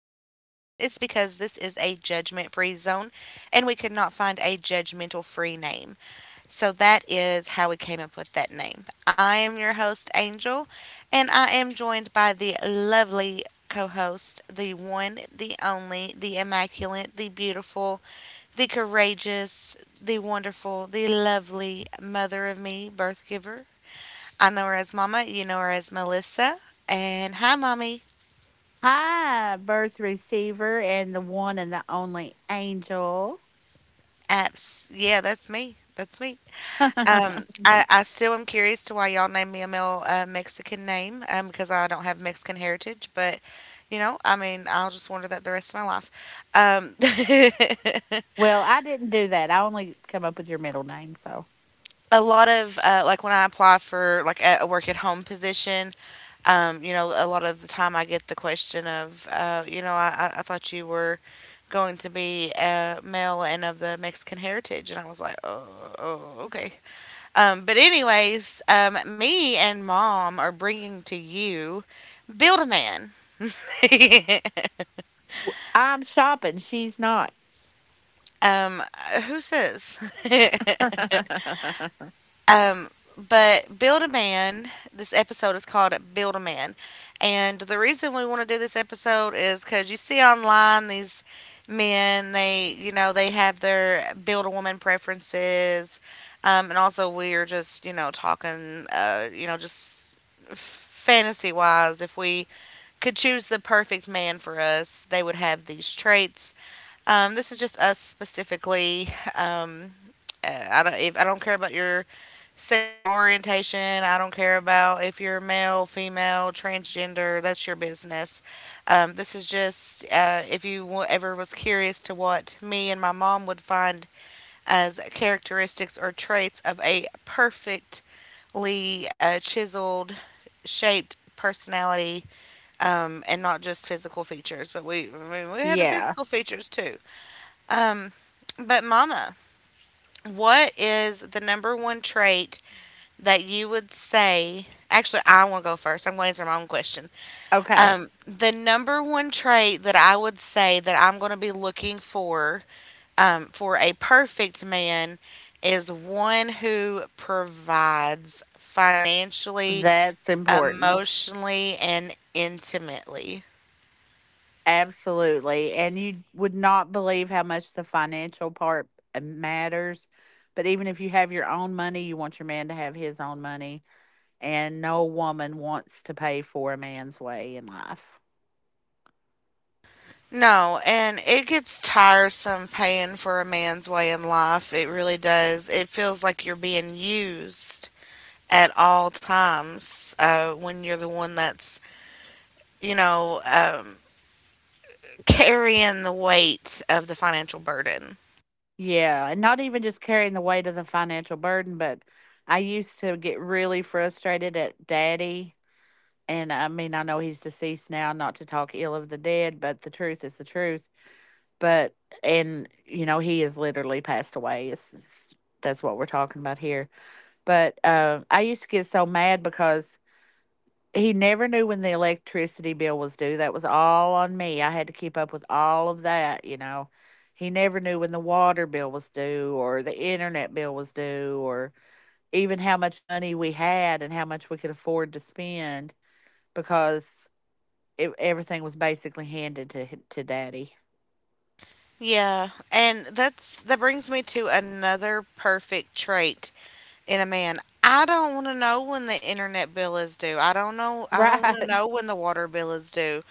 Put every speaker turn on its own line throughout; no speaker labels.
it's because this is a judgment free zone and we could not find a judgmental free name. So that is how we came up with that name. I am your host, Angel, and I am joined by the lovely co host, the one, the only, the immaculate, the beautiful, the courageous, the wonderful, the lovely mother of me, birth giver. I know her as Mama. You know her as Melissa. And hi, Mommy.
Hi, birth receiver and the one and the only angel.
Yeah, that's me. That's me. I still am curious to why y'all named me a male Mexican name because I don't have Mexican heritage. But, I mean, I'll just wonder that the rest of my life. Um,
Well, I didn't do that. I only come up with your middle name, so
a lot of like when I apply for like a work at home position, you know, a lot of the time I get the question of, you know, I thought you were going to be male and of the Mexican heritage, and I was like, oh, oh okay. But anyways, me and mom are bringing to you Build a Man.
I'm shopping. She's not.
um, who says? Um, but Build a Man, this episode is called Build a Man. And the reason we want to do this episode is because you see online these men, they, you know, they have their build a woman preferences. And also we are just, you know, talking, you know, just fantasy wise, if we could choose the perfect man for us, they would have these traits. This is just us specifically. Um, I don't. If, I don't care about your sexual orientation. I don't care about if you're male, female, transgender. That's your business. This is just if you ever was curious to what me and my mom would find as characteristics or traits of a perfectly chiseled, shaped personality and not just physical features but we had
Yeah.
physical features too. But mama, what is the number one trait that you would say? Actually, I want to go first. I'm going to answer my own question.
Okay.
The number one trait that I would say that I'm going to be looking for a perfect man is one who provides financially,
That's important.
emotionally, and intimately.
Absolutely. And you would not believe how much the financial part matters. But even if you have your own money, you want your man to have his own money. And no woman wants to pay for a man's way in life.
No, and it gets tiresome paying for a man's way in life. It really does. It feels like you're being used at all times when you're the one that's, you know, um, carrying the weight of the financial burden.
Yeah, and not even just carrying the weight of the financial burden, but I used to get really frustrated at daddy. And I mean, I know he's deceased now, not to talk ill of the dead, but the truth is the truth. But, and, you know, he has literally passed away. That's what we're talking about here. But I used to get so mad because he never knew when the electricity bill was due. That was all on me. I had to keep up with all of that, you know. He never knew when the water bill was due or the internet bill was due or even how much money we had and how much we could afford to spend because everything was basically handed to to daddy.
Yeah, and that brings me to another perfect trait in a man. I don't want to know when the internet bill is due. I don't know. I don't want to
Right.
know when the water bill is due.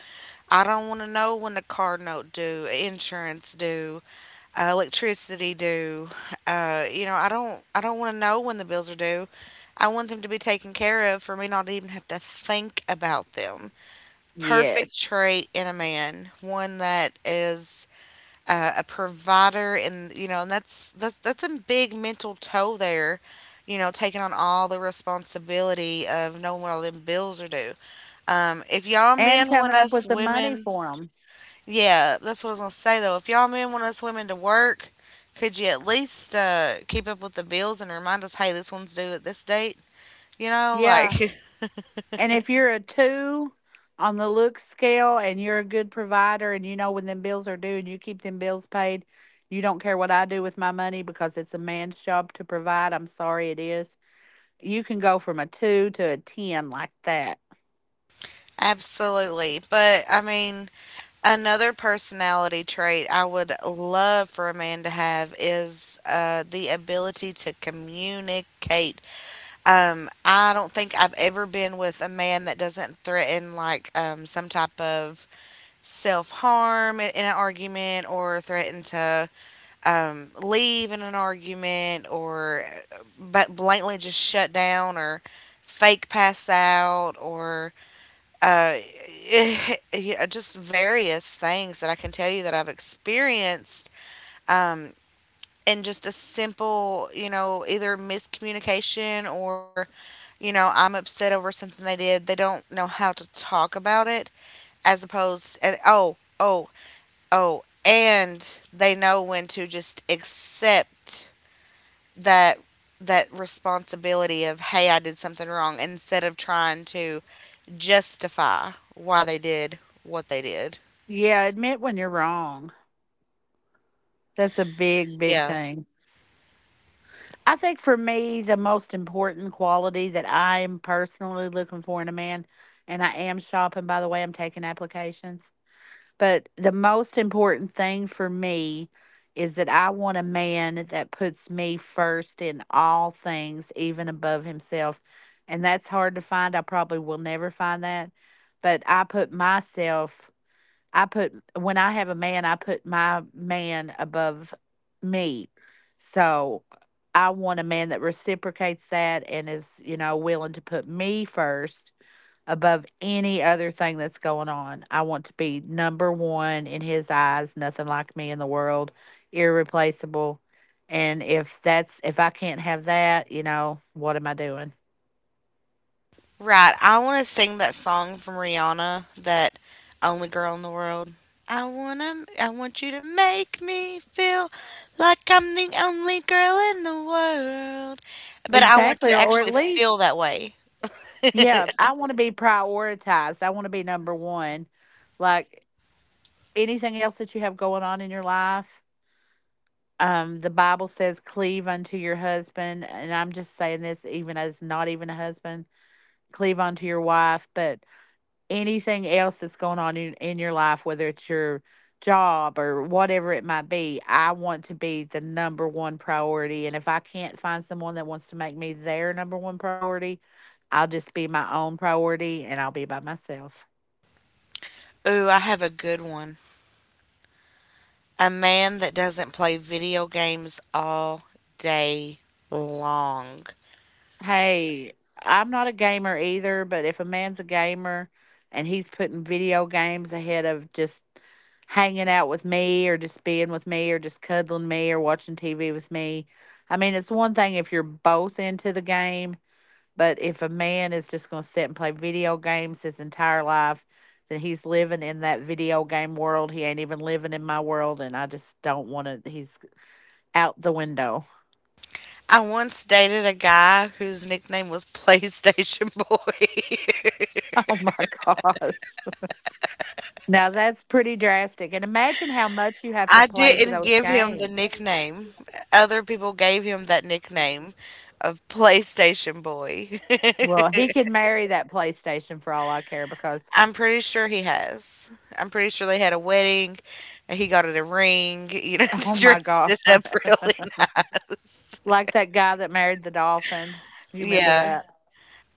I don't want to know when the car note due, insurance due, electricity due. You know, I don't. I don't want to know when the bills are due. I want them to be taken care of for me not to even have to think about them. Perfect
Yes.
trait in a man. One that is a provider, and you know, and that's a big mental toll there, you know, taking on all the responsibility of knowing when all them bills are due. If y'all
And
men want
coming up
us
with the money
women,
for him.
yeah, that's what I was gonna say, though, if y'all men want us women to work, could you at least keep up with the bills and remind us, hey, this one's due at this date, you know,
Yeah.
like,
And if you're a two on the look scale and you're a good provider and you know when them bills are due and you keep them bills paid, you don't care what I do with my money because it's a man's job to provide. I'm sorry it is. You can go from a two to a 10 like that.
absolutely. But I mean, another personality trait I would love for a man to have is the ability to communicate. I don't think I've ever been with a man that doesn't threaten like some type of self harm in an argument, or threaten to leave in an argument, or but blatantly just shut down or fake pass out or uh, yeah, just various things that I can tell you that I've experienced. Um, and just a simple, you know, either miscommunication or, you know, I'm upset over something they did. They don't know how to talk about it, as opposed oh, and they know when to just accept that that responsibility of hey, I did something wrong, instead of trying to justify why they did what they did.
Yeah, admit when you're wrong. That's a big, big
Yeah,
thing. I think for me, the most important quality that I am personally looking for in a man, and I am shopping, by the way, I'm taking applications. But the most important thing for me is that I want a man that puts me first in all things, even above himself. And that's hard to find. I probably will never find that. But I put myself, I put, when I have a man, I put my man above me. So I want a man that reciprocates that and is, you know, willing to put me first above any other thing that's going on. I want to be number one in his eyes, nothing like me in the world, irreplaceable. And if I can't have that, you know, what am I doing?
right. I want to sing that song from Rihanna, that "Only Girl in the World." I want you to make me feel like I'm the only girl in the world, but I want
Exactly,
to
or at
actually feel
least,
that way.
yeah, I want to be prioritized. I want to be number one. Like, anything else that you have going on in your life, the Bible says, cleave unto your husband. And I'm just saying this even as not even a husband, cleave unto your wife. But anything else that's going on in your life, whether it's your job or whatever it might be, I want to be the number one priority. And if I can't find someone that wants to make me their number one priority, I'll just be my own priority and I'll be by myself.
Ooh, I have a good one. A man that doesn't play video games all day long.
Hey, I'm not a gamer either, but if a man's a gamer and he's putting video games ahead of just hanging out with me or just being with me or just cuddling me or watching TV with me, I mean, it's one thing if you're both into the game, but if a man is just going to sit and play video games his entire life, then he's living in that video game world. He ain't even living in my world, and I just don't want to. He's out the window.
I once dated a guy whose nickname was PlayStation Boy.
Oh my gosh. Now that's pretty drastic. And imagine how much you have to
I
play
didn't
those
give him the
games.
nickname. Other people gave him that nickname of PlayStation Boy.
Well, he could marry that PlayStation for all I care, because
I'm pretty sure he has. I'm pretty sure they had a wedding and he got it a ring, you know,
oh my
dressed
God.
it up really nice.
Like that guy that married the dolphin. You remember
Yeah.
that?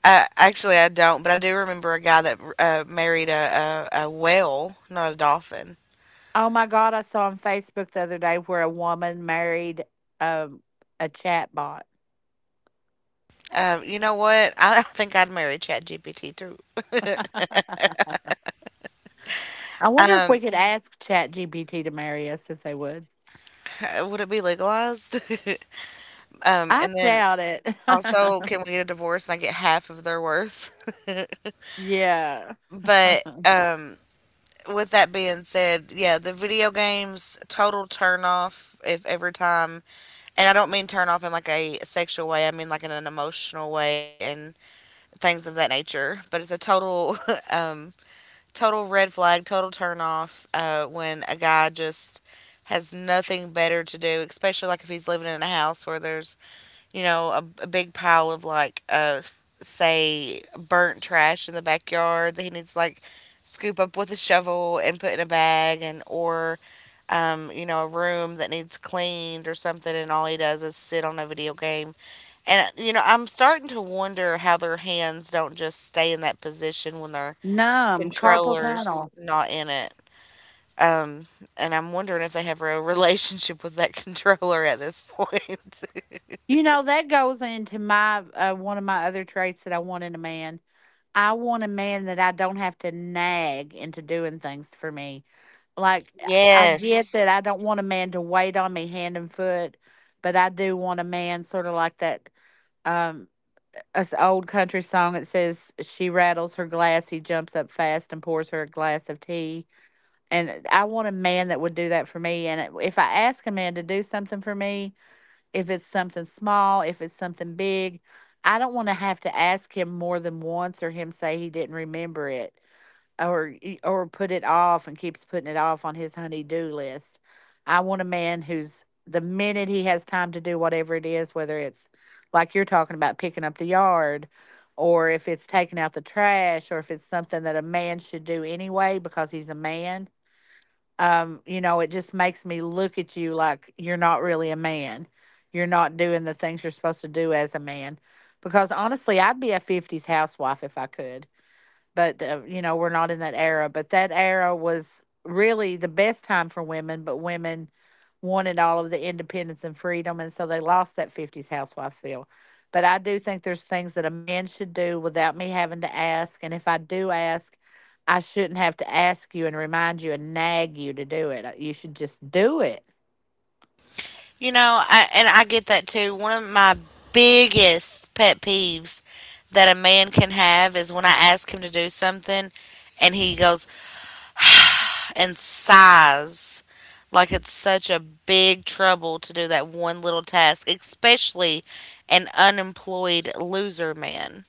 Actually, I don't, but I do remember a guy that married a whale, not a dolphin.
Oh my God. I saw on Facebook the other day where a woman married um, a chat bot.
You know what? I think I'd marry ChatGPT too.
I wonder if we
Um,
could ask ChatGPT to marry us if they would.
would it be legalized?
I
And then
doubt it.
also, can we get a divorce and I get half of their worth?
Yeah.
But with that being said, yeah, the video games total turn off. If every time, and I don't mean turn off in like a sexual way, I mean like in an emotional way, and things of that nature. But it's a total, um, total red flag, total turn off when a guy just has nothing better to do, especially like if he's living in a house where there's, you know, a big pile of like, say, burnt trash in the backyard that he needs to like scoop up with a shovel and put in a bag, and or, you know, a room that needs cleaned or something, and all he does is sit on a video game. And you know, I'm starting to wonder how their hands don't just stay in that position when their
Numb, carpal
controller's
tunnel.
not in it. Um, and I'm wondering if they have a relationship with that controller at this point.
You know, that goes into my one of my other traits that I want in a man. I want a man that I don't have to nag into doing things for me. Like, I get
Yes.
that I don't want a man to wait on me hand and foot, but I do want a man sort of like that, um, us old country song that says she rattles her glass, he jumps up fast and pours her a glass of tea. And I want a man that would do that for me. And if I ask a man to do something for me, if it's something small, if it's something big. I don't want to have to ask him more than once or him say he didn't remember it or or put it off and keeps putting it off on his honey-do list. I want a man who's, the minute he has time to do whatever it is, whether it's like you're talking about picking up the yard or if it's taking out the trash or if it's something that a man should do anyway because he's a man, you know, it just makes me look at you like you're not really a man. You're not doing the things you're supposed to do as a man. Because honestly, I'd be a 50s housewife if I could, but you know, we're not in that era, but that era was really the best time for women. But women wanted all of the independence and freedom, and so they lost that 50s housewife feel. But I do think there's things that a man should do without me having to ask, and if I do ask, I shouldn't have to ask you and remind you and nag you to do it. You should just do it.
You know, and I get that too. One of my biggest pet peeves that a man can have is when I ask him to do something and he goes and sighs like it's such a big trouble to do that one little task, especially an unemployed loser man.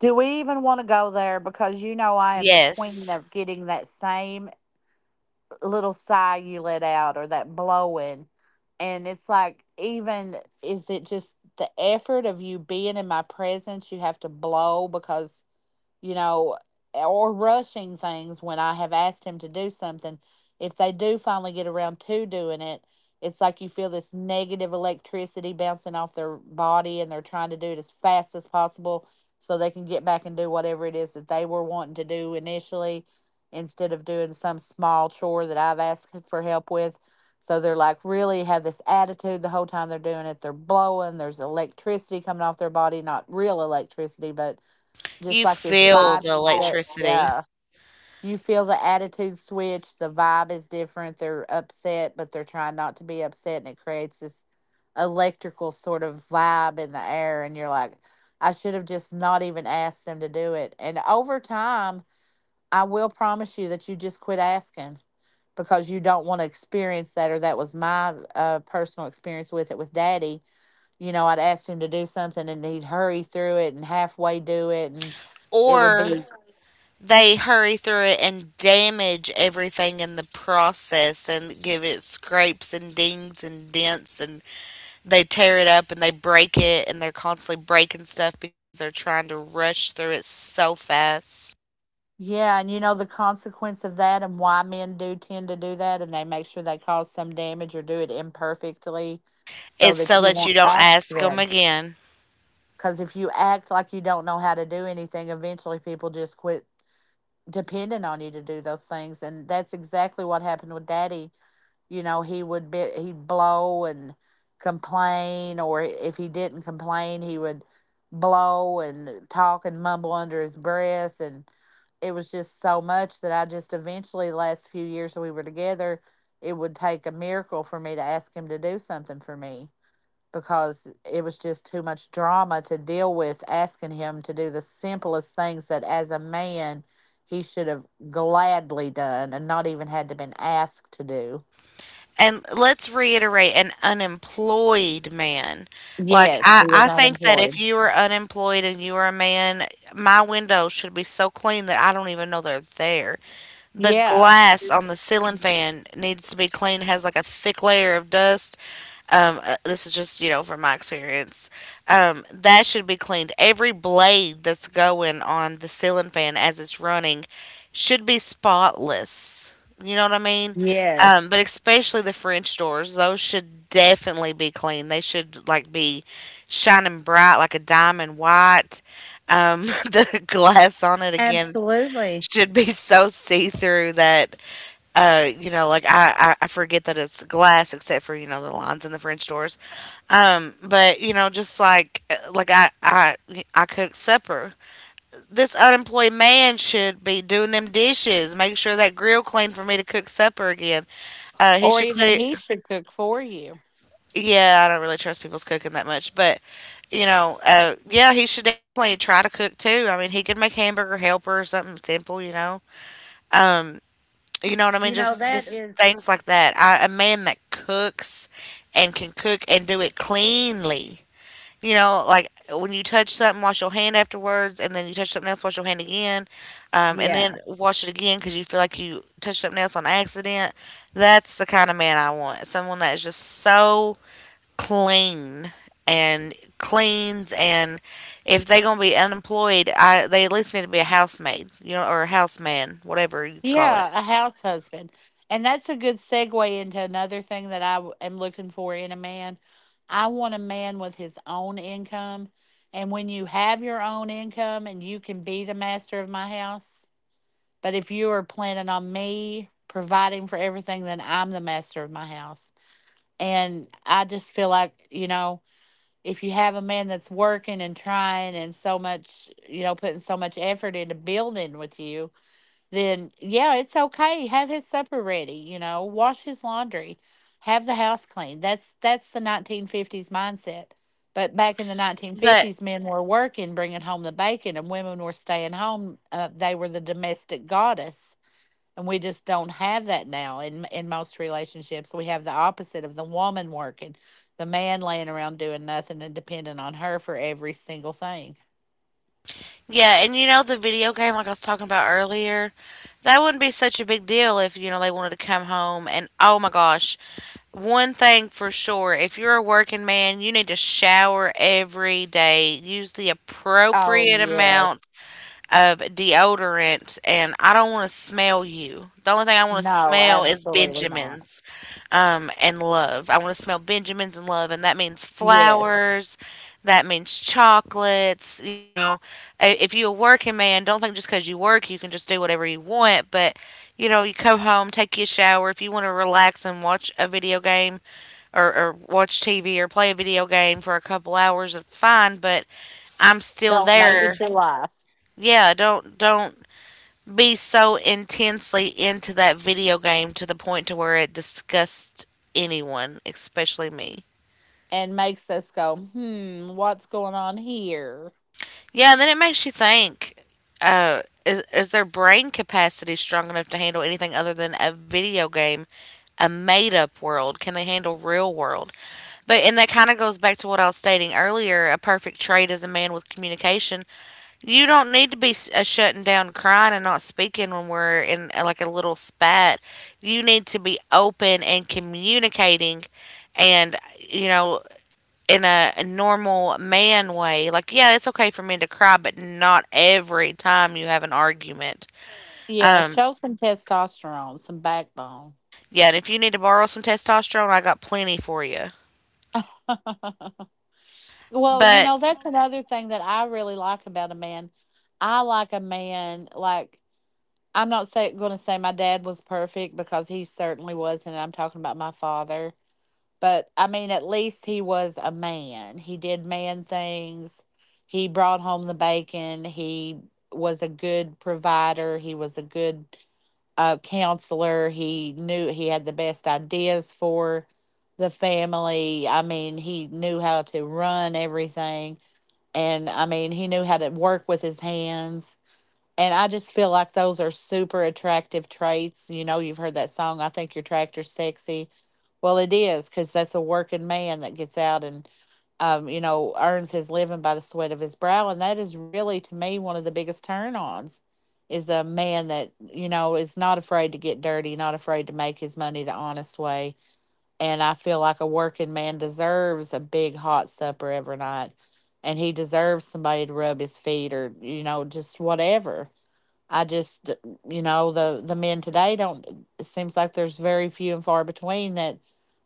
Do we even want to go there? Because you know I am the queen
Yes.
of getting that same little sigh you let out or that blowing. And it's like, even, is it just the effort of you being in my presence? You have to blow because, you know, or rushing things when I have asked him to do something. If they do finally get around to doing it, it's like you feel this negative electricity bouncing off their body and they're trying to do it as fast as possible so they can get back and do whatever it is that they were wanting to do initially instead of doing some small chore that I've asked for help with. So they're like, really have this attitude the whole time they're doing it. They're blowing, there's electricity coming off their body, not real electricity, but just
You
like this.
feel
Yeah. Vibe.
the electricity.
Yeah. You feel the attitude switch. The vibe is different. They're upset, but they're trying not to be upset. And it creates this electrical sort of vibe in the air. And you're like, I should have just not even asked them to do it. And over time, I will promise you that you just quit asking because you don't want to experience that. Or that was my personal experience with it with daddy. You know, I'd asked him to do something and he'd hurry through it and halfway do it. And it would
Or
be
they hurry through it and damage everything in the process and give it scrapes and dings and dents, and they tear it up and they break it, and they're constantly breaking stuff because they're trying to rush through it so fast.
yeah, and you know the consequence of that and why men do tend to do that, and they make sure they cause some damage or do it imperfectly so
It's
that
so
you
that you
won't
don't
ask
ask them
them.
again.
Because if you act like you don't know how to do anything, eventually people just quit depending on you to do those things. And that's exactly what happened with Daddy. You know, he would be, he'd blow and complain, or if he didn't complain he would blow and talk and mumble under his breath, and it was just so much that I just eventually, the last few years that we were together, it would take a miracle for me to ask him to do something for me because it was just too much drama to deal with asking him to do the simplest things that as a man he should have gladly done and not even had to been asked to do.
And let's reiterate, an unemployed man. Like
Yes, he was
I
not
think that if
employed.
you are unemployed and you are a man, my window should be so clean that I don't even know they're there. The
Yeah.
glass on the ceiling fan needs to be cleaned, has like a thick layer of dust. This is just, you know, from my experience. That should be cleaned. Every blade that's going on the ceiling fan as it's running should be spotless. You know what I mean?
Yes,
But especially the French doors, those should definitely be clean. They should like be shining bright like a diamond white. The glass on it again
absolutely.
should be so see through that you know, like I forget that it's glass except for, you know, the lines in the French doors, but you know, just like I cook supper, this unemployed man should be doing them dishes, making sure that grill clean for me to cook supper again. He
Or
should
even
clean.
he should cook for you.
Yeah, I don't really trust people's cooking that much, but you know, yeah, he should definitely try to cook too. I mean, he could make hamburger helper or something simple, you know. Um, You know what I mean?
You know,
Just
that
just
is,
things like that. A man that cooks and can cook and do it cleanly. You know, like when you touch something, wash your hand afterwards, and then you touch something else, wash your hand again, and
yeah.
then wash it again because you feel like you touched something else on accident. That's the kind of man I want. Someone that is just so clean and cleans, and if they gonna be unemployed, I they at least need to be a housemaid, you know, or a houseman, whatever you call it.
Yeah, a house husband. And that's a good segue into another thing that I am looking for in a man. I want a man with his own income. And when you have your own income and you can be the master of my house, but if you are planning on me providing for everything, then I'm the master of my house. And I just feel like, if you have a man that's working and trying and so much, putting so much effort into building with you, then yeah, it's okay. Have his supper ready, wash his laundry, have the house clean. That's the 1950s mindset. But back in the
But
1950s, men were working, bringing home the bacon, and women were staying home. They were the domestic goddess, and we just don't have that now. In most relationships, we have the opposite: of the woman working, the man laying around doing nothing and depending on her for every single thing.
Yeah, and the video game like I was talking about earlier, that wouldn't be such a big deal if, you know, they wanted to come home. And oh my gosh, one thing for sure, if you're a working man, you need to shower every day. Use the
Oh
appropriate amount
yes.
of deodorant, and I don't want to smell you. The only thing I want to
No,
smell is
absolutely not.
Benjamin's and love. I want to smell Benjamin's and love, and that means
Yes.
flowers. That means chocolates. If you're a working man, don't think just because you work, you can just do whatever you want. But, you know, you come home, take your shower. If you want to relax and watch a video game or watch TV or play a video game for a couple hours, it's fine. But I'm still
Don't make
there.
it your life.
Yeah, don't be so intensely into that video game to the point to where it disgusts anyone, especially me.
And makes us go, hmm, what's going on here?
Yeah, and then it makes you think. Is their brain capacity strong enough to handle anything other than a video game, a made up world? Can they handle real world? But and That kind of goes back to what I was stating earlier. A perfect trait is a man with communication. You don't need to be shutting down, crying, and not speaking when we're in like a little spat. You need to be open and communicating, and in a normal man way. Like, yeah, it's okay for men to cry, but not every time you have an argument.
Yeah,
Um,
show some testosterone, some backbone.
yeah, and if you need to borrow some testosterone, I got plenty for you.
Well, you
But
know, that's another thing that I really like about a man. I like a man like, I'm not going to say my dad was perfect, because he certainly wasn't. I'm talking about my father. But I mean, at least he was a man. He did man things. He brought home the bacon. He was a good provider. He was a good counselor. He knew, he had the best ideas for the family. I mean, he knew how to run everything. And I mean, he knew how to work with his hands, and I just feel like those are super attractive traits. You know, you've heard that song, I think your tractor's sexy. Well, it is, because that's a working man that gets out and, you know, earns his living by the sweat of his brow. And that is really, to me, one of the biggest turn ons is a man that, you know, is not afraid to get dirty, not afraid to make his money the honest way. And I feel like a working man deserves a big hot supper every night. And he deserves somebody to rub his feet, or, you know, just whatever. I just, you know, the men today don't. It seems like there's very few and far between that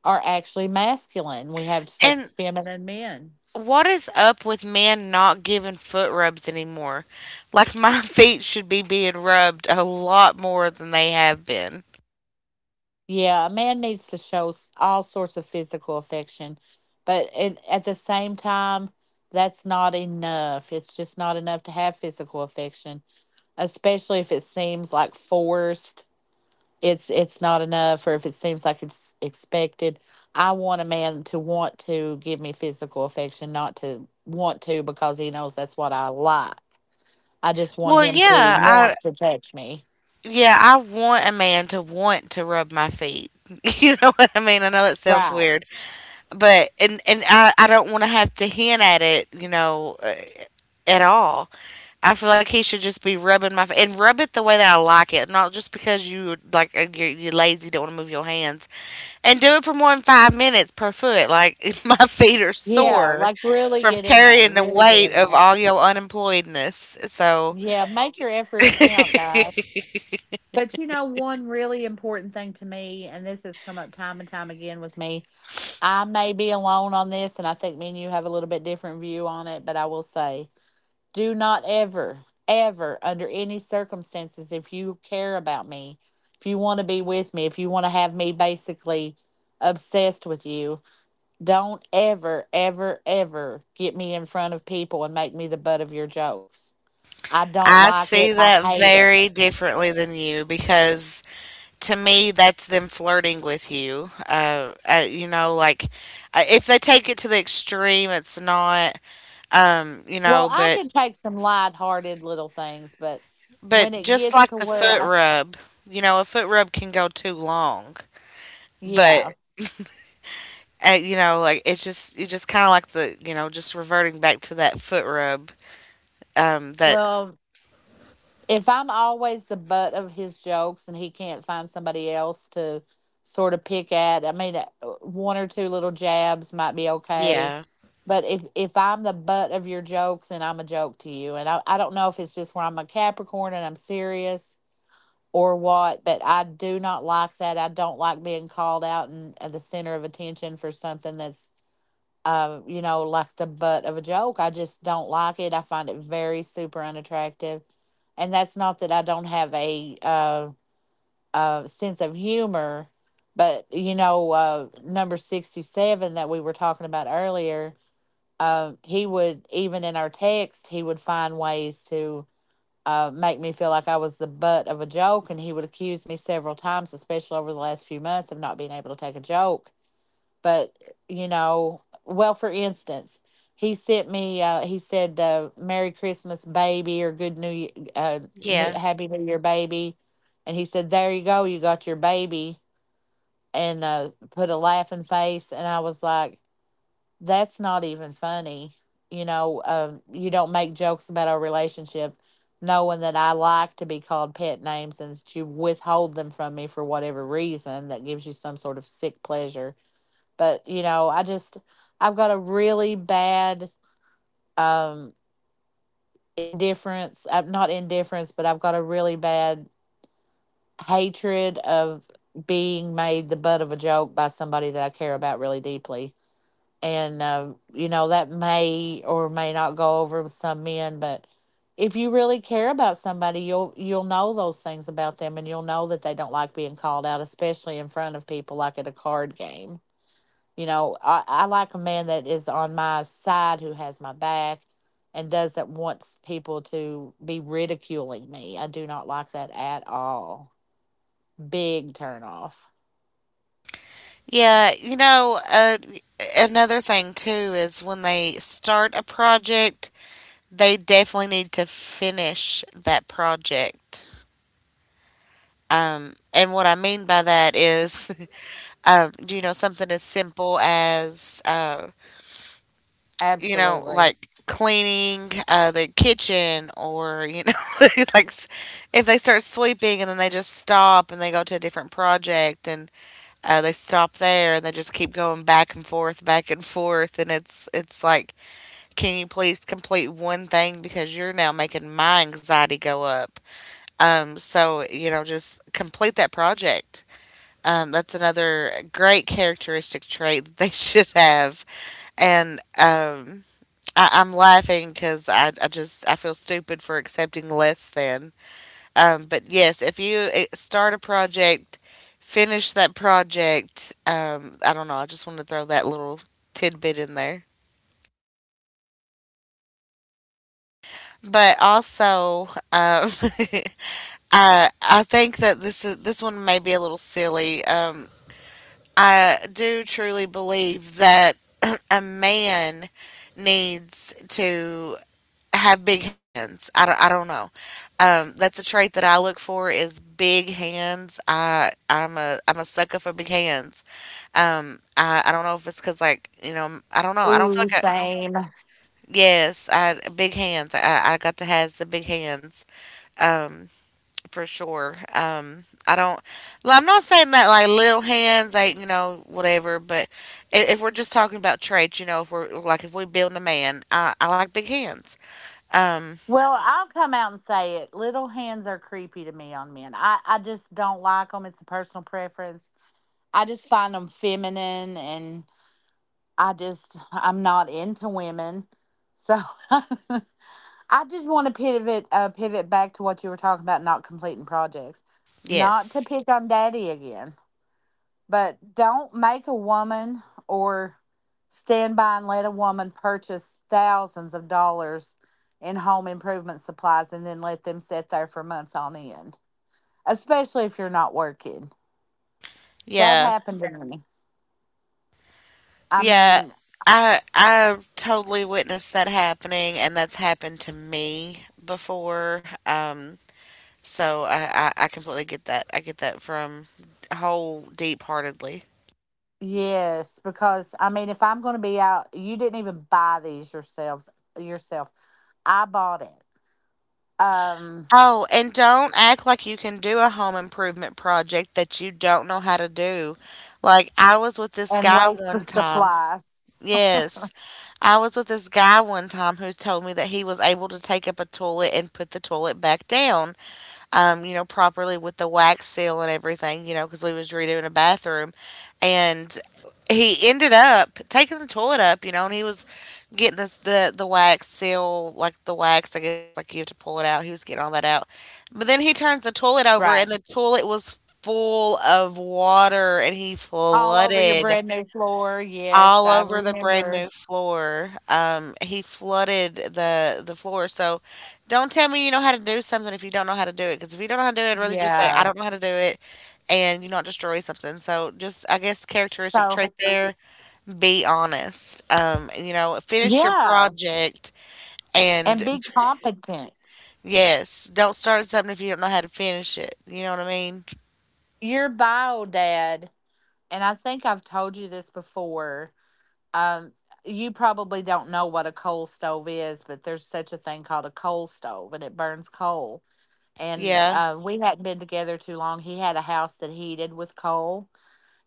are actually masculine. We have such
and
feminine men.
What is up with men not giving foot rubs anymore? Like my feet should be being rubbed a lot more than they have been.
Yeah, a man needs to show all sorts of physical affection, but it, at the same time, that's not enough. It's just not enough to have physical affection, especially if it seems like forced. It's not enough, or if it seems like it's expected. I want a man to want to give me physical affection, not to want to because he knows that's what I like. I just want
Well,
him to
I
want to touch me.
yeah, I want a man to want to rub my feet. You know what I mean? I know it sounds
Right.
weird, but and I don't want to have to hint at it, you know, at all. I feel like he should just be rubbing my feet and rub it the way that I like it, not just because you're lazy, don't want to move your hands. And do it for more than 5 minutes per foot, like, my feet are
Yeah,
sore
like really
from
get in there,
carrying the
really get
weight
in
of
there.
all your unemployedness, so
Yeah, make your efforts count, guys. But you know, one really important thing to me, and this has come up time and time again with me, I may be alone on this, and I think me and you have a little bit different view on it, but I will say, do not ever, ever, under any circumstances, if you care about me, if you want to be with me, if you want to have me basically obsessed with you, don't ever, ever, ever get me in front of people and make me the butt of your jokes. I don't
I
like
see
it. I
that
hate it.
very differently than you because to me, that's them flirting with you, if they take it to the extreme, it's not, you
Well,
know,
I
but
can take some lighthearted little things, but when
but
it
just
gets to
like the
where
foot
I,
rub, a foot rub can go too long, but.
yeah,
And, you know, like It's just you just kind of like the just reverting back to that foot rub. That
well, if I'm always the butt of his jokes and he can't find somebody else to sort of pick at, I mean, one or two little jabs might be okay.
Yeah,
But if I'm the butt of your jokes, then I'm a joke to you. And I don't know if it's just where I'm a Capricorn and I'm serious, or what, but I do not like that. I don't like being called out and at the center of attention for something that's you know, like the butt of a joke. I just don't like it. I find it very super unattractive. And that's not that I don't have a sense of humor, but you know, number 67 that we were talking about earlier, he would, even in our text, he would find ways to make me feel like I was the butt of a joke. And he would accuse me several times, especially over the last few months, of not being able to take a joke. But you know, well, for instance, he sent me he said, merry christmas baby, or good new year, uh,
yeah,
happy new year baby. And he said, there you go, you got your baby. And put a laughing face, and I was like, that's not even funny. You know, you don't make jokes about our relationship, knowing that I like to be called pet names and that you withhold them from me for whatever reason that gives you some sort of sick pleasure. But you know, I just, I've got a really bad, um indifference. I'm not indifference, but I've got a really bad hatred of being made the butt of a joke by somebody that I care about really deeply. And you know, that may or may not go over with some men, but if you really care about somebody, you'll know those things about them, and you'll know that they don't like being called out, especially in front of people, like at a card game. You know, I like a man that is on my side, who has my back, and doesn't want people to be ridiculing me. I do not like that at all. Big turn off.
yeah. Another thing too is when they start a project, they definitely need to finish that project. And what I mean by that is, something as simple as
Absolutely.
like cleaning the kitchen orit's like if they start sweeping and then they just stop and they go to a different project and they stop there and they just keep going back and forth, back and forth. And it's like, can you please complete one thing because you're now making my anxiety go up. So, you know, just complete that project. That's another great characteristic trait that they should have. And, I'm laughing because I feel stupid for accepting less than. But yes, if you start a project, finish that project. I don't know. I just want to throw that little tidbit in there. But alsoI think that this one may be a little silly. I do truly believe that a man needs to have big hands. I don't know. That's a trait that I look for is big hands. I'm a sucker for big hands. I don't know if it's cause like I don't know. I don't feel
Ooh,
like I,
same.
yes, I big hands. I got to have the big hands. Um, for sure. I don't. Well, I'm not saying that like little hands, like you know whatever. But if we're just talking about traits, you know, if we build a man, I like big hands. Um,
Well, I'll come out and say it. Little hands are creepy to me on men. I just don't like them. It's a personal preference. I just find them feminine, and I just, I'm not into women. So I just want to pivot, pivot back to what you were talking about, not completing projects. Not to
yes.
pick on daddy again, but don't make a woman, or stand by and let a woman purchase thousands of dollars in home improvement supplies and then let them sit there for months on end, especially if you're not working. That
Yeah.
happened to, yeah, me. I
Yeah.
mean,
I totally witnessed that happening and that's happened to me before. So I completely get that. I get that from whole deep heartedly.
yes, because I mean, if I'm going to be out, you didn't even buy these yourselves yourself. I bought it. Um
Oh, and don't act like you can do a home improvement project that you don't know how to do. Like, I was with this
and
guy
waste
one
of
time.
supplies.
Yes. I was with this guy one time who's told me that he was able to take up a toilet and put the toilet back down. You know, properly with the wax seal and everything, you know, because we was redoing a bathroom, and he ended up taking the toilet up, you know, and he was getting this the wax seal, like the wax, I guess, like you have to pull it out. He was getting all that out, but then he turns the toilet over,
Right.
and the toilet was full of water, and he
All over your
flooded
brand new floor. Yes,
all
I
over the brand
remember.
new floor. He flooded the floor. So don't tell me you know how to do something if you don't know how to do it. Because if you don't know how to do it, I'd rather just say I
Yeah.
don't know how to do it, and you not destroy something. So just I guess characteristic
So,
trait there. Be honest. Finish your
yeah.
project. And
And be competent.
yes, don't start something if you don't know how to finish it. You know what I mean?
Your bio dad, and I think I've told you this before. Um, you probably don't know what a coal stove is, but there's such a thing called a coal stove, and it burns coal. And
Yeah.
we hadn't been together too long. He had a house that heated with coal,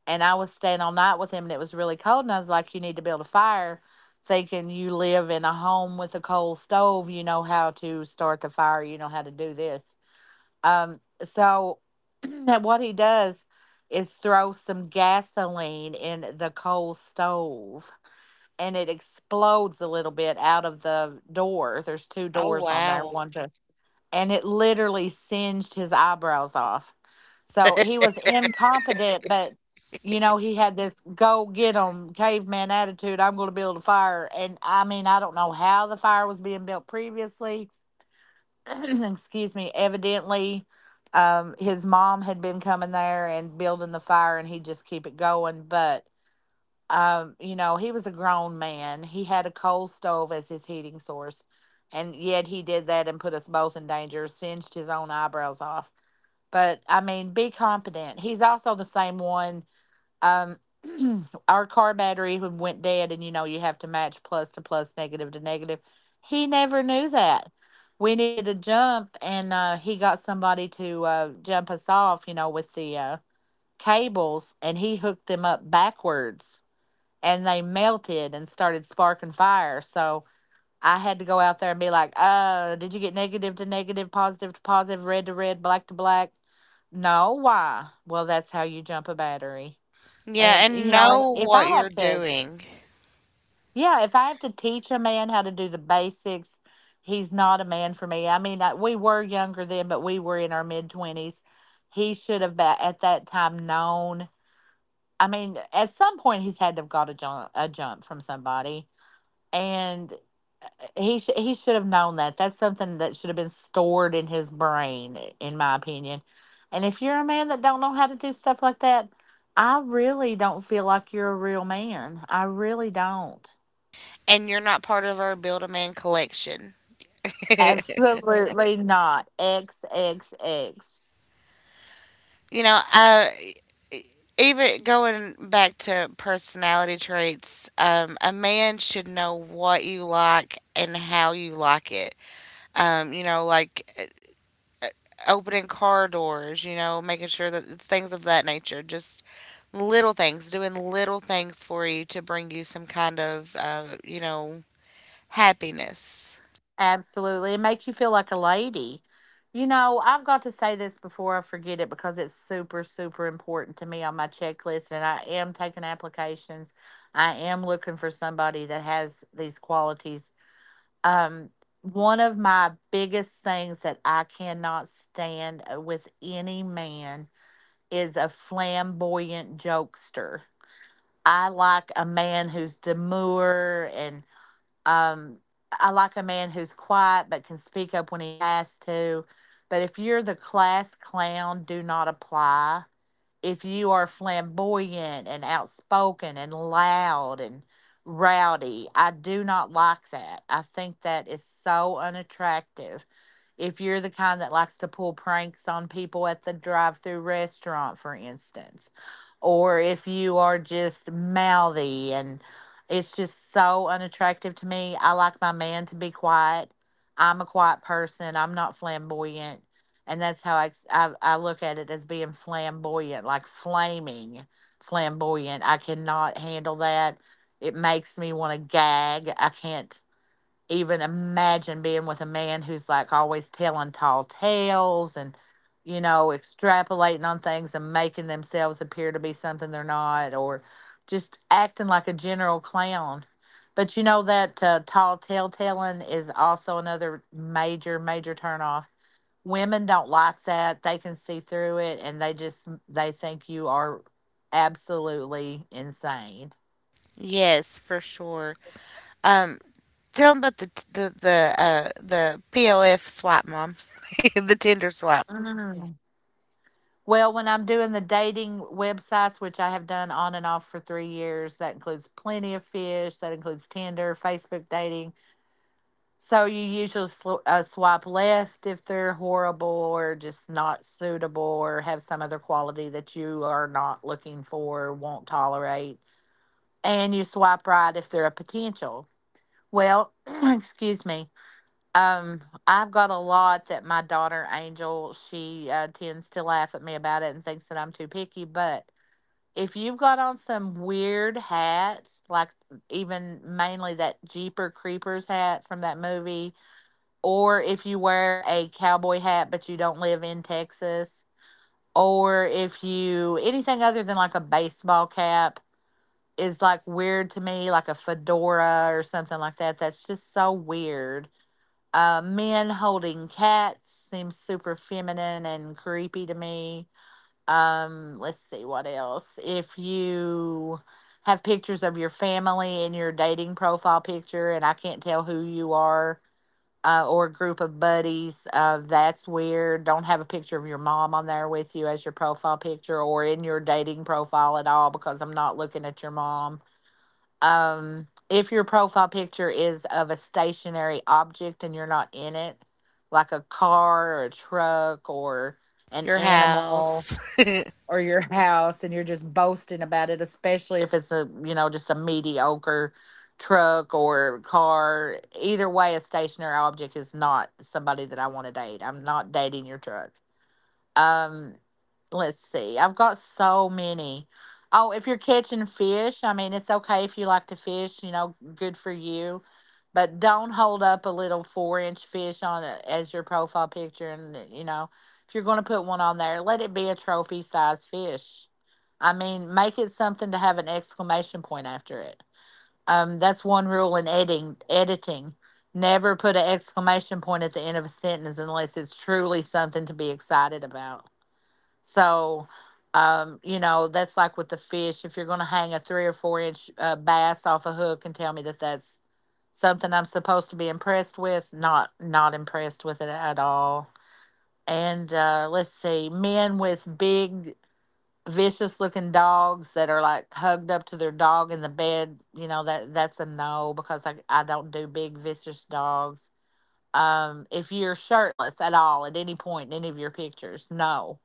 and I was staying all night with him, and it was really cold. And I was like, "You need to build a fire," thinking, you live in a home with a coal stove, you know how to start the fire, you know how to do this. So what he does is throw some gasoline in the coal stove, and it explodes a little bit out of the door. There's two
Oh
doors on there,
wow.
one to, and it literally singed his eyebrows off. So he was incompetent, but you know, he had this go get 'em caveman attitude. I'm going to build a fire. And I mean, I don't know how the fire was being built previously. Excuse me. Evidently, his mom had been coming there and building the fire, and he would just keep it going. But you know, he was a grown man. He had a coal stove as his heating source, and yet he did that and put us both in danger, singed his own eyebrows off. But I mean, be competent. He's also the same one. Um, our car battery went dead, and you know, you have to match plus to plus, negative to negative. He never knew that. We needed a jump, and he got somebody to jump us off, you know, with the cables, and he hooked them up backwards, and they melted and started sparking fire. So I had to go out there and be like, did you get negative to negative, positive to positive, red to red, black to black? No, why? Well, that's how you jump a battery.
Yeah,
And,
and
you know, if
know
if
what
I
you're
have to,
doing.
yeah, if I have to teach a man how to do the basics, he's not a man for me. I mean, I, we were younger then, but we were in our mid 20s. He should have, at that time, known. I mean, at some point, he's had to have got a jump from somebody, and he should have known that. That's something that should have been stored in his brain, in my opinion. And if you're a man that don't know how to do stuff like that, I really don't feel like you're a real man. I really don't.
And you're not part of our Build a Man collection. you
Absolutely not. X X X.
know, uh, Even going back to personality traits, a man should know what you like and how you like it. Um, you know, like uh, Opening car doors, you know, making sure that it's things of that nature. Just little things, doing little things for you to bring you some kind of, you know, happiness.
Absolutely. It makes you feel like a lady. You know, I've got to say this before I forget it because it's super, super important to me on my checklist. And I am taking applications. I am looking for somebody that has these qualities. Um, One of my biggest things that I cannot stand with any man is a flamboyant jokester. I like a man who's demure and. Um, I like a man who's quiet but can speak up when he has to. But if you're the class clown, do not apply. If you are flamboyant and outspoken and loud and rowdy, I do not like that. I think that is so unattractive if you're the kind that likes to pull pranks on people at the drive through restaurant, for instance, or if you are just mouthy and it's just so unattractive to me. I like my man to be quiet. I'm a quiet person. I'm not flamboyant. And that's how I look at it, as being flamboyant, like flaming flamboyant. I cannot handle that. It makes me want to gag. I can't even imagine being with a man who's like always telling tall tales and, you know, extrapolating on things and making themselves appear to be something they're not, or just acting like a general clown. But you know that tall tale telling is also another major, major turnoff. Women don't like that. They can see through it and they just they think you are absolutely insane.
Yes, for sure. Um, Tell 'em about the POF swap, mom. The Tinder swap.
Well, when I'm doing the dating websites, which I have done on and off for 3 years, that includes Plenty of Fish, that includes Tinder, Facebook dating. So you usually swipe left if they're horrible or just not suitable or have some other quality that you are not looking for, or won't tolerate. And you swipe right if they're a potential. Well, excuse me. Um, I've got a lot that my daughter Angel, she tends to laugh at me about it and thinks that I'm too picky, but if you've got on some weird hats, like even mainly that Jeeper Creepers hat from that movie, or if you wear a cowboy hat but you don't live in Texas, or if you anything other than like a baseball cap is like weird to me, like a fedora or something like that. That's just so weird. Men holding cats seems super feminine and creepy to me. Let's see what else. If you have pictures of your family in your dating profile picture and I can't tell who you are, or a group of buddies, that's weird. Don't have a picture of your mom on there with you as your profile picture or in your dating profile at all, because I'm not looking at your mom. If your profile picture is of a stationary object and you're not in it, like a car or a truck or an
Your
animal
house,
or your house, and you're just boasting about it, especially if it's a, you know, just a mediocre truck or car. Either way, a stationary object is not somebody that I want to date. I'm not dating your truck. Um, let's see. I've got so many. Oh, if you're catching fish, I mean, it's okay if you like to fish, you know, good for you. But don't hold up a little 4 inch fish on it as your profile picture. And, you know, if you're going to put one on there, let it be a trophy size fish. I mean, make it something to have an exclamation point after it. That's one rule in editing. Editing. Never put an exclamation point at the end of a sentence unless it's truly something to be excited about. So, you know, that's like with the fish. If you're going to hang a 3 or 4 inch bass off a hook and tell me that that's something I'm supposed to be impressed with, not impressed with it at all. And let's see, men with big, vicious looking dogs that are like hugged up to their dog in the bed. You know that that's a no, because I don't do big vicious dogs. If you're shirtless at all at any point in any of your pictures, no.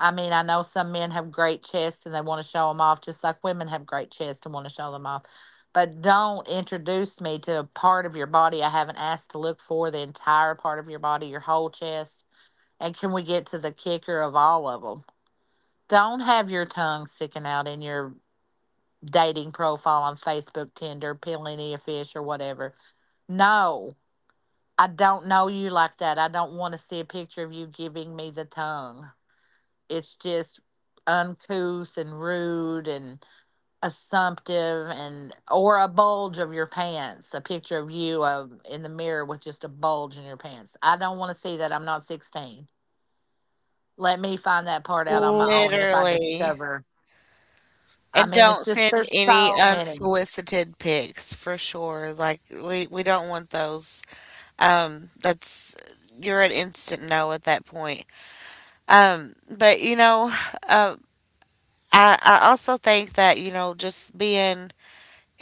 I mean, I know some men have great chests and they want to show them off, just like women have great chests and want to show them off. But don't introduce me to a part of your body I haven't asked to, look for the entire part of your body, your whole chest. And can we get to the kicker of all of them? Don't have your tongue sticking out in your dating profile on Facebook, Tinder, Peeling a Fish, or whatever. No, I don't know you like that. I don't want to see a picture of you giving me the tongue. It's just uncouth and rude and assumptive. And or a bulge of your pants, a picture of you in the mirror with just a bulge in your pants. I don't want to see that. I'm not 16. Let me find that part out on my own, if I
literally.
discover. I
And
mean, it's
don't
just,
send
there's
any
so many.
unsolicited pics for sure. Like we don't want those. That's You're an instant no at that point. But uh, I also think that just being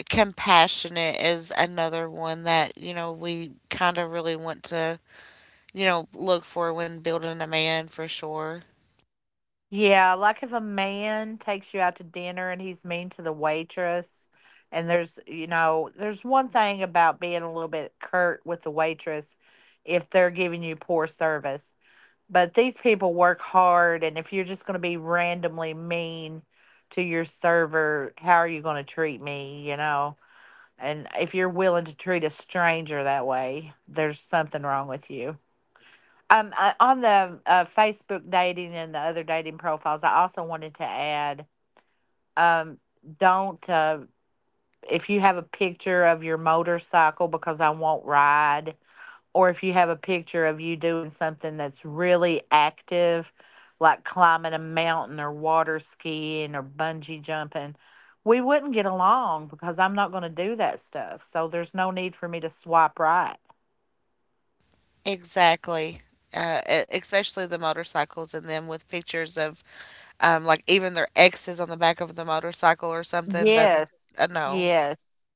compassionate is another one that we kind of really want to look for when building a man for sure.
Yeah, like if a man takes you out to dinner and he's mean to the waitress, and there's, you know, there's one thing about being a little bit curt with the waitress if they're giving you poor service. But these people work hard, and if you're just going to be randomly mean to your server, how are you going to treat me, you know? And if you're willing to treat a stranger that way, there's something wrong with you. On the Facebook dating and the other dating profiles, I also wanted to add, um, don't if you have a picture of your motorcycle, because I won't ride, or if you have a picture of you doing something that's really active, like climbing a mountain or water skiing or bungee jumping, we wouldn't get along because I'm not going to do that stuff. So there's no need for me to swipe right.
Exactly. Especially the motorcycles and them with pictures of like even their exes on the back of the motorcycle or something. That's
Yes.
a no.
Yes.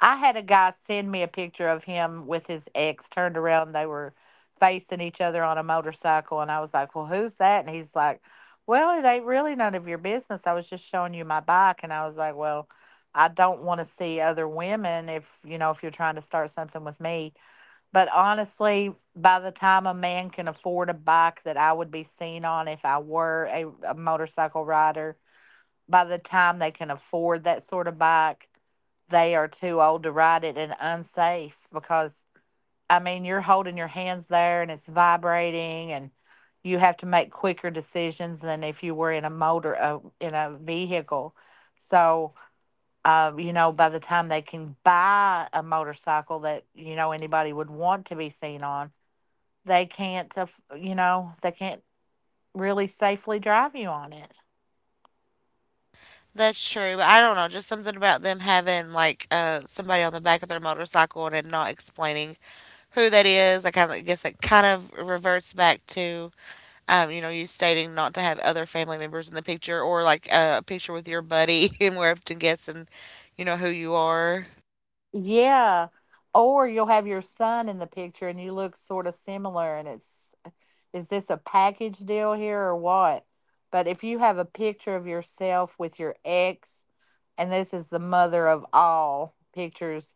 I had a guy send me a picture of him with his ex turned around. They were facing each other on a motorcycle. And I was like, Well, who's that? And he's like, Well, it ain't really none of your business. I was just showing you my bike. And I was like, Well, I don't want to see other women if, you know, if you're trying to start something with me. But honestly, by the time a man can afford a bike that I would be seen on, if I were a motorcycle rider, by the time they can afford that sort of bike, they are too old to ride it and unsafe, because, I mean, you're holding your hands there and it's vibrating, and you have to make quicker decisions than if you were in a in a vehicle. So, you know, by the time they can buy a motorcycle that, you know, anybody would want to be seen on, they can't, aff- you know, they can't really safely drive you on it.
That's true. But I don't know. Just something about them having like somebody on the back of their motorcycle and it not explaining who that is. I kind of guess it kind of reverts back to. You stating not to have other family members in the picture or like a picture with your buddy, and we're often guessing, you know, who you are.
Yeah. Or you'll have your son in the picture and you look sort of similar, and it's, is this a package deal here or what? But if you have a picture of yourself with your ex, and this is the mother of all pictures,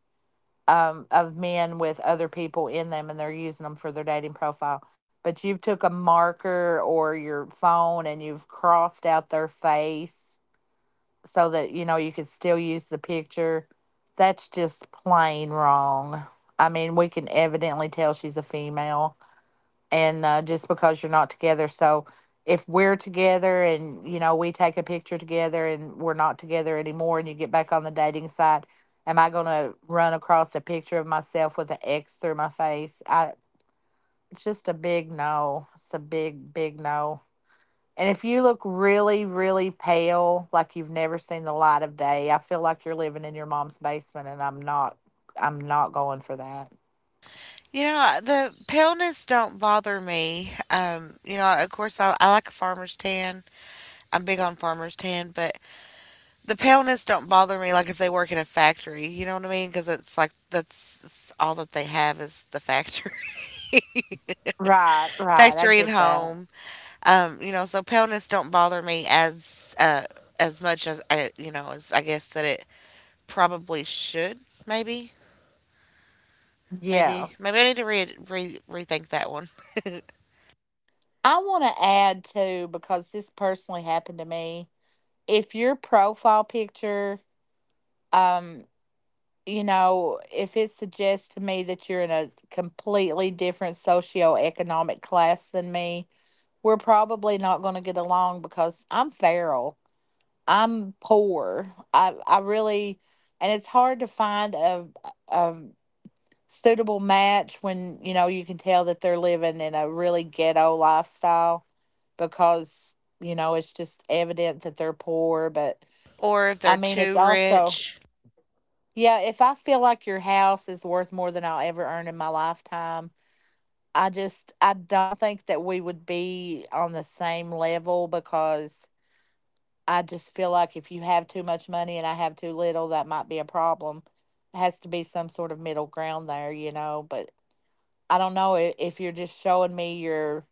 of men with other people in them and they're using them for their dating profile, but you've took a marker or your phone and you've crossed out their face so that you know you could still use the picture, that's just plain wrong. I mean, we can evidently tell she's a female, and just because you're not together. So if we're together and, you know, we take a picture together and we're not together anymore, and you get back on the dating site, am I going to run across a picture of myself with an X through my face? I It's just a big no. It's a big, big no. And if you look really, really pale, like you've never seen the light of day, I feel like you're living in your mom's basement, and I'm not going for that.
The paleness don't bother me. Of course, I like a farmer's tan. I'm big on farmer's tan, but the paleness don't bother me like if they work in a factory. You know what I mean? Because it's like that's all that they have is the factory,
Right, right. I
factory and
get that.
home. So paleness don't bother me as much as as I guess that it probably should, maybe.
Yeah.
Maybe I need to re, re rethink that one.
I want to add too, because this personally happened to me. If your profile picture um you know, if it suggests to me that you're in a completely different socioeconomic class than me, we're probably not going to get along because I'm feral. I'm poor. I really, and it's hard to find a suitable match when you know you can tell that they're living in a really ghetto lifestyle because you know it's just evident that they're poor. But
Or if
I
they're
mean, it's
too
also
rich.
yeah. If I feel like your house is worth more than I'll ever earn in my lifetime, I don't think that we would be on the same level because. I just feel like if you have too much money and I have too little, that might be a problem. It has to be some sort of middle ground there, you know. But I don't know if you're just showing me your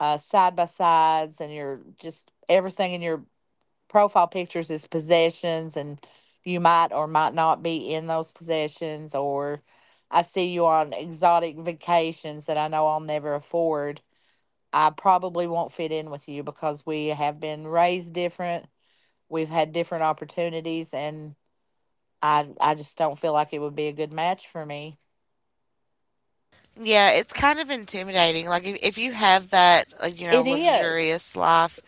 side by sides and your just everything in your profile pictures is possessions, and you might or might not be in those possessions, or I see you on exotic vacations that I know I'll never afford. I probably won't fit in with you because we have been raised different. We've had different opportunities, and I just don't feel like it would be a good match for me.
Yeah, it's kind of intimidating. Like if you have that, like, you know,
It is.
luxurious life,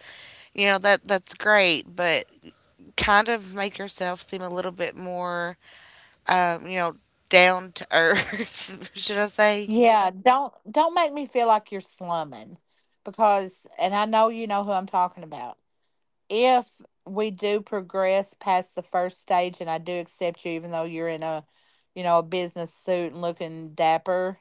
you know, that's great, but kind of make yourself seem a little bit more um, you know, down to earth, should I say?
Yeah, don't make me feel like you're slumming because and I know you know who I'm talking about. If we do progress past the first stage and I do accept you even though you're in a you know a business suit and looking dapper,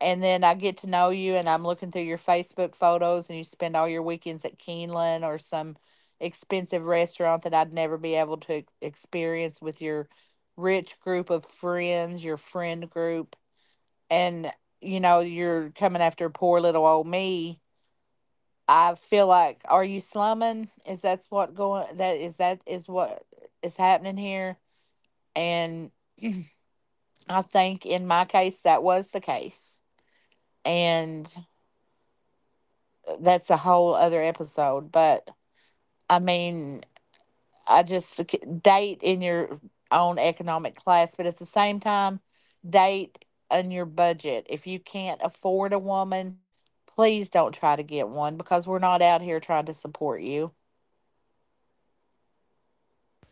and then I get to know you and I'm looking through your Facebook photos and you spend all your weekends at Keeneland or some expensive restaurant that I'd never be able to experience with your rich group of friends, your friend group, and you know, you're coming after poor little old me. I feel like, are you slumming? Is that's what going that is what is happening here? And I think in my case that was the case. And that's a whole other episode. But I mean, I just date in your own economic class, but at the same time, date on your budget. If you can't afford a woman, please don't try to get one because we're not out here trying to support you.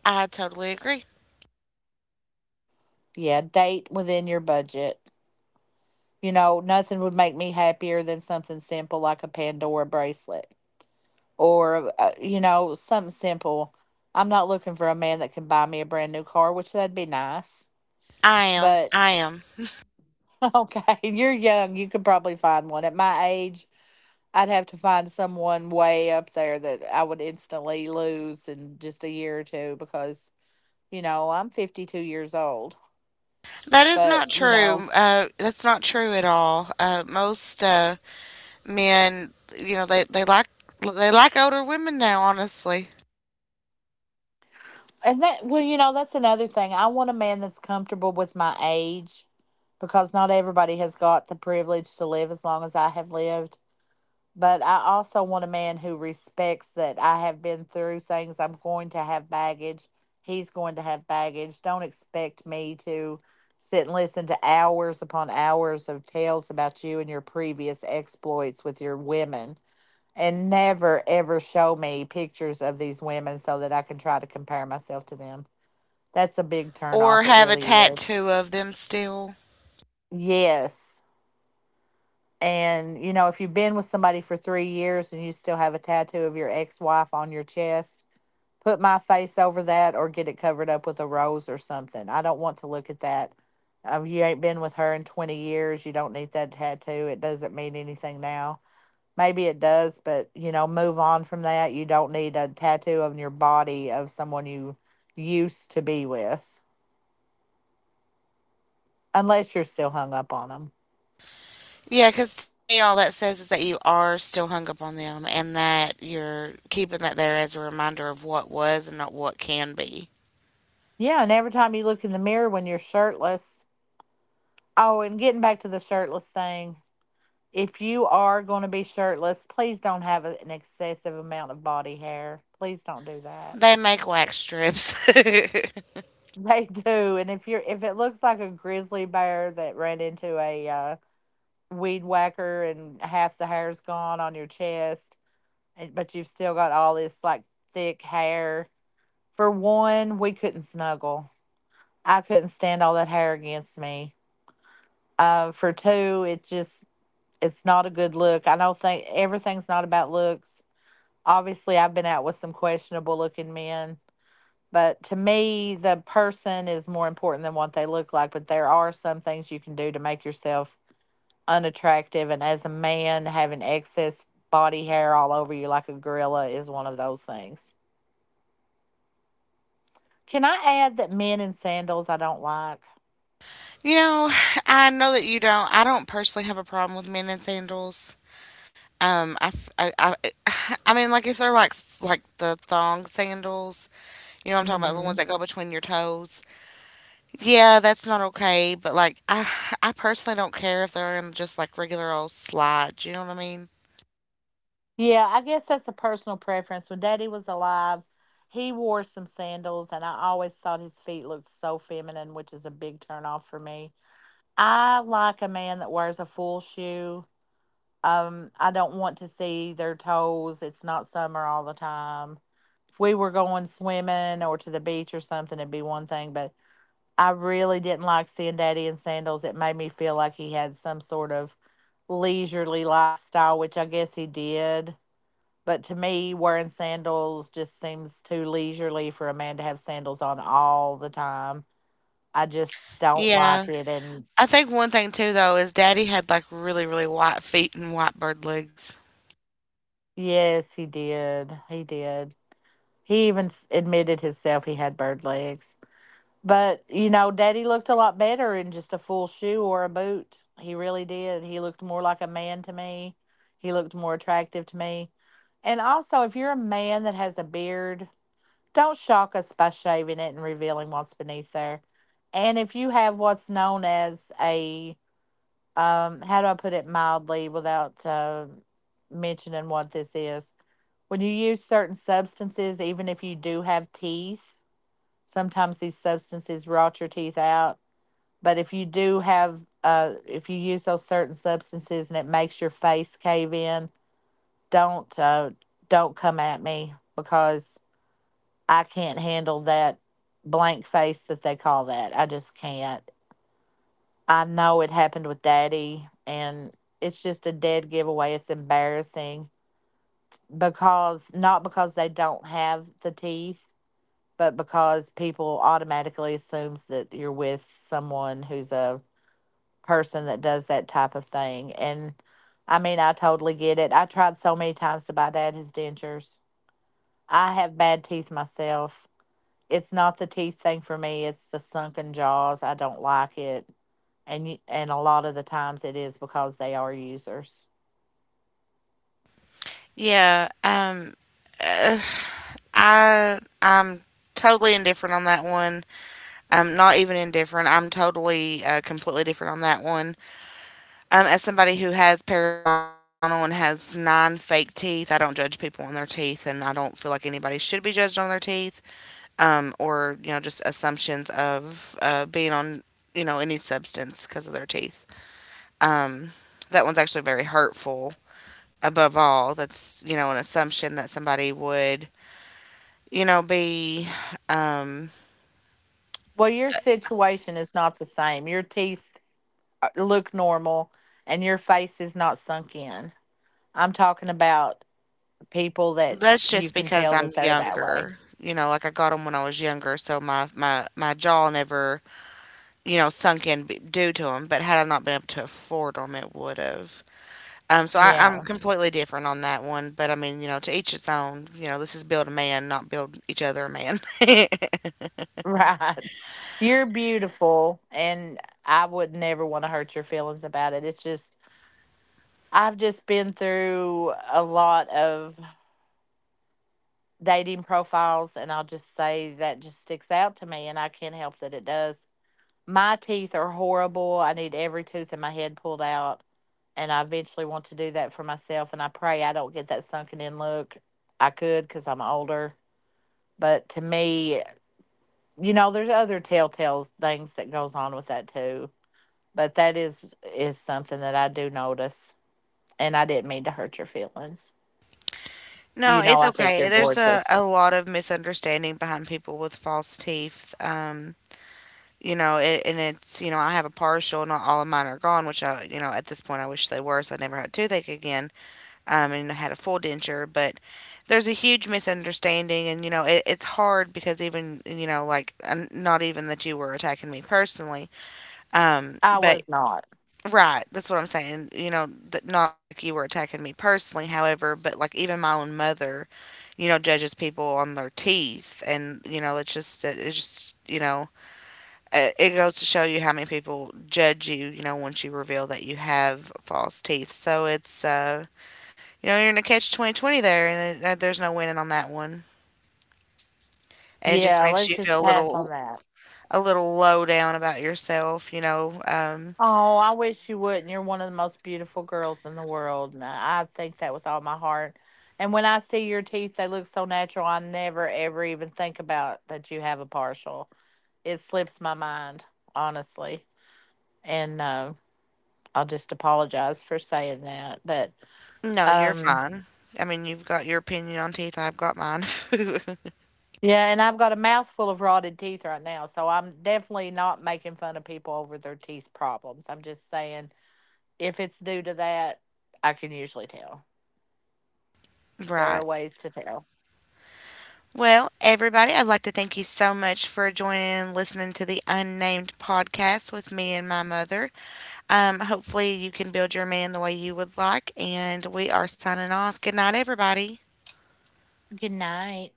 I totally agree.
Yeah, date within your budget. You know, nothing would make me happier than something simple like a Pandora bracelet or, you know, something simple. I'm not looking for a man that can buy me a brand new car, which that'd be nice.
I am.
But
I am.
okay, you're young. You could probably find one. At my age, I'd have to find someone way up there that I would instantly lose in just a year or two because, you know, I'm 52 years old.
That is
But,
not
you know,
true. That's not true at all. Most men, you know, they like older women now, honestly,
and that, well, you know, that's another thing. I want a man that's comfortable with my age because not everybody has got the privilege to live as long as I have lived. But I also want a man who respects that I have been through things. I'm going to have baggage. He's going to have baggage. Don't expect me to sit and listen to hours upon hours of tales about you and your previous exploits with your women. And never, ever show me pictures of these women so that I can try to compare myself to them. That's a big turn
or
off. It
have a
really is.
tattoo of them still.
Yes. And, you know, if you've been with somebody for 3 years and you still have a tattoo of your ex wife on your chest, put my face over that or get it covered up with a rose or something. I don't want to look at that. You ain't been with her in 20 years. You don't need that tattoo. It doesn't mean anything now. Maybe it does, but you know, move on from that. You don't need a tattoo on your body of someone you used to be with, unless you're still hung up on them.
Yeah, because to me, all that says is that you are still hung up on them, and that you're keeping that there as a reminder of what was and not what can be.
Yeah, and every time you look in the mirror when you're shirtless. Oh, and getting back to the shirtless thing, if you are going to be shirtless, please don't have an excessive amount of body hair. Please don't do that.
They make wax strips.
They do, and if you're if it looks like a grizzly bear that ran into a weed whacker and half the hair's gone on your chest, and, but you've still got all this like thick hair. For one, we couldn't snuggle. I couldn't stand all that hair against me. For two, it just it's not a good look. I don't think everything's not about looks. Obviously, I've been out with some questionable looking men, but to me, the person is more important than what they look like. But there are some things you can do to make yourself unattractive. And as a man, having excess body hair all over you like a gorilla is one of those things. Can I add that men in sandals I don't like?
Know, I know that you don't. I don't personally have a problem with men in sandals. I, f- I mean, like if they're like the thong sandals. You know what I'm talking
Mm
about? The ones
hmm.
that go between your toes. Yeah, that's not okay. But like, I personally don't care if they're in just like regular old slides. You know what I mean?
Yeah, I guess that's a personal preference. When Daddy was alive, he wore some sandals, and I always thought his feet looked so feminine, which is a big turnoff for me. I like a man that wears a full shoe. I don't want to see their toes. It's not summer all the time. If we were going swimming or to the beach or something, it'd be one thing, but I really didn't like seeing Daddy in sandals. It made me feel like he had some sort of leisurely lifestyle, which I guess he did, but to me, wearing sandals just seems too leisurely for a man to have sandals on all the time. I just don't like
Yeah.
it. And
I think one thing too though is Daddy had like really really white feet and white bird legs.
yes, he did. He did. He even admitted himself he had bird legs. But, you know, Daddy looked a lot better in just a full shoe or a boot. He really did. He looked more like a man to me. He looked more attractive to me. And also, if you're a man that has a beard, don't shock us by shaving it and revealing what's beneath there. And if you have what's known as a, how do I put it mildly without mentioning what this is? When you use certain substances, even if you do have teeth, sometimes these substances rot your teeth out. But if you do have, if you use those certain substances and it makes your face cave in, don't don't come at me because I can't handle that blank face that they call that. I just can't. I know it happened with Daddy and it's just a dead giveaway. It's embarrassing because not because they don't have the teeth, but because people automatically assumes that you're with someone who's a person that does that type of thing. And I mean, I totally get it. I tried so many times to buy Dad his dentures. I have bad teeth myself. It's not the teeth thing for me. It's the sunken jaws. I don't like it, and you, and a lot of the times it is because they are users.
Yeah. Uh, I'm totally indifferent on that one. I'm not even indifferent. I'm totally completely different on that one. As somebody who has periodontal and has 9 fake teeth, I don't judge people on their teeth, and I don't feel like anybody should be judged on their teeth, or just assumptions of being on any substance because of their teeth. Um, that one's actually very hurtful. Above all, that's an assumption that somebody would be. Um,
Well, your situation is not the same. Your teeth look normal, and your face is not sunk in. I'm talking about people that
that's
you
just
can
because
tell
I'm
that they're that way.
younger. Like I got them when I was younger, so my jaw never sunk in due to them. But had I not been able to afford them, it would have. So I'm
Yeah,
completely different on that one. But I mean, you know, to each its own. This is build a man, not build each other a man.
right. You're beautiful, and I would never want to hurt your feelings about it. It's just I've just been through a lot of dating profiles and I'll just say that just sticks out to me and I can't help that it does. My teeth are horrible. I need every tooth in my head pulled out and I eventually want to do that for myself and I pray I don't get that sunken in look. I could cuz I'm older, but to me, you know, there's other telltale things that goes on with that too. But that is something that I do notice and I didn't mean to hurt your feelings.
No,
You know,
it's
I think
okay.
you're
There's a,
gorgeous.
a lot of misunderstanding behind people with false teeth. It's, I have a partial, not all of mine are gone, which I, you know, at this point I wish they were, so I never had toothache again. And I had a full denture, but there's a huge misunderstanding, and it's hard because even not even that you were attacking me personally,
I
but
was not.
right, that's what I'm saying. Not like you were attacking me personally, however, but like even my own mother, you know, judges people on their teeth, and it's just it goes to show you how many people judge you, you know, once you reveal that you have false teeth. So you're in a catch 2020, and there's no winning on that one. And it just
Yeah,
makes
let's
you
just
feel a
pass on
little
that.
a little low down about yourself.
Oh, I wish you wouldn't. You're one of the most beautiful girls in the world. And I think that with all my heart. And when I see your teeth, they look so natural. I never, ever even think about that you have a partial. It slips my mind, honestly. And I'll just apologize for saying that. But
No, you're
um,
fine. I mean, you've got your opinion on teeth. I've got mine.
yeah, and I've got a mouthful of rotted teeth right now. So I'm definitely not making fun of people over their teeth problems. I'm just saying if it's due to that, I can usually tell. There are
Right.
ways to tell.
Well, everybody, I'd like to thank you so much for joining and listening to the Unnamed podcast with me and my mother. Hopefully, you can build your man the way you would like. And we are signing off. Good night, everybody.
Good night.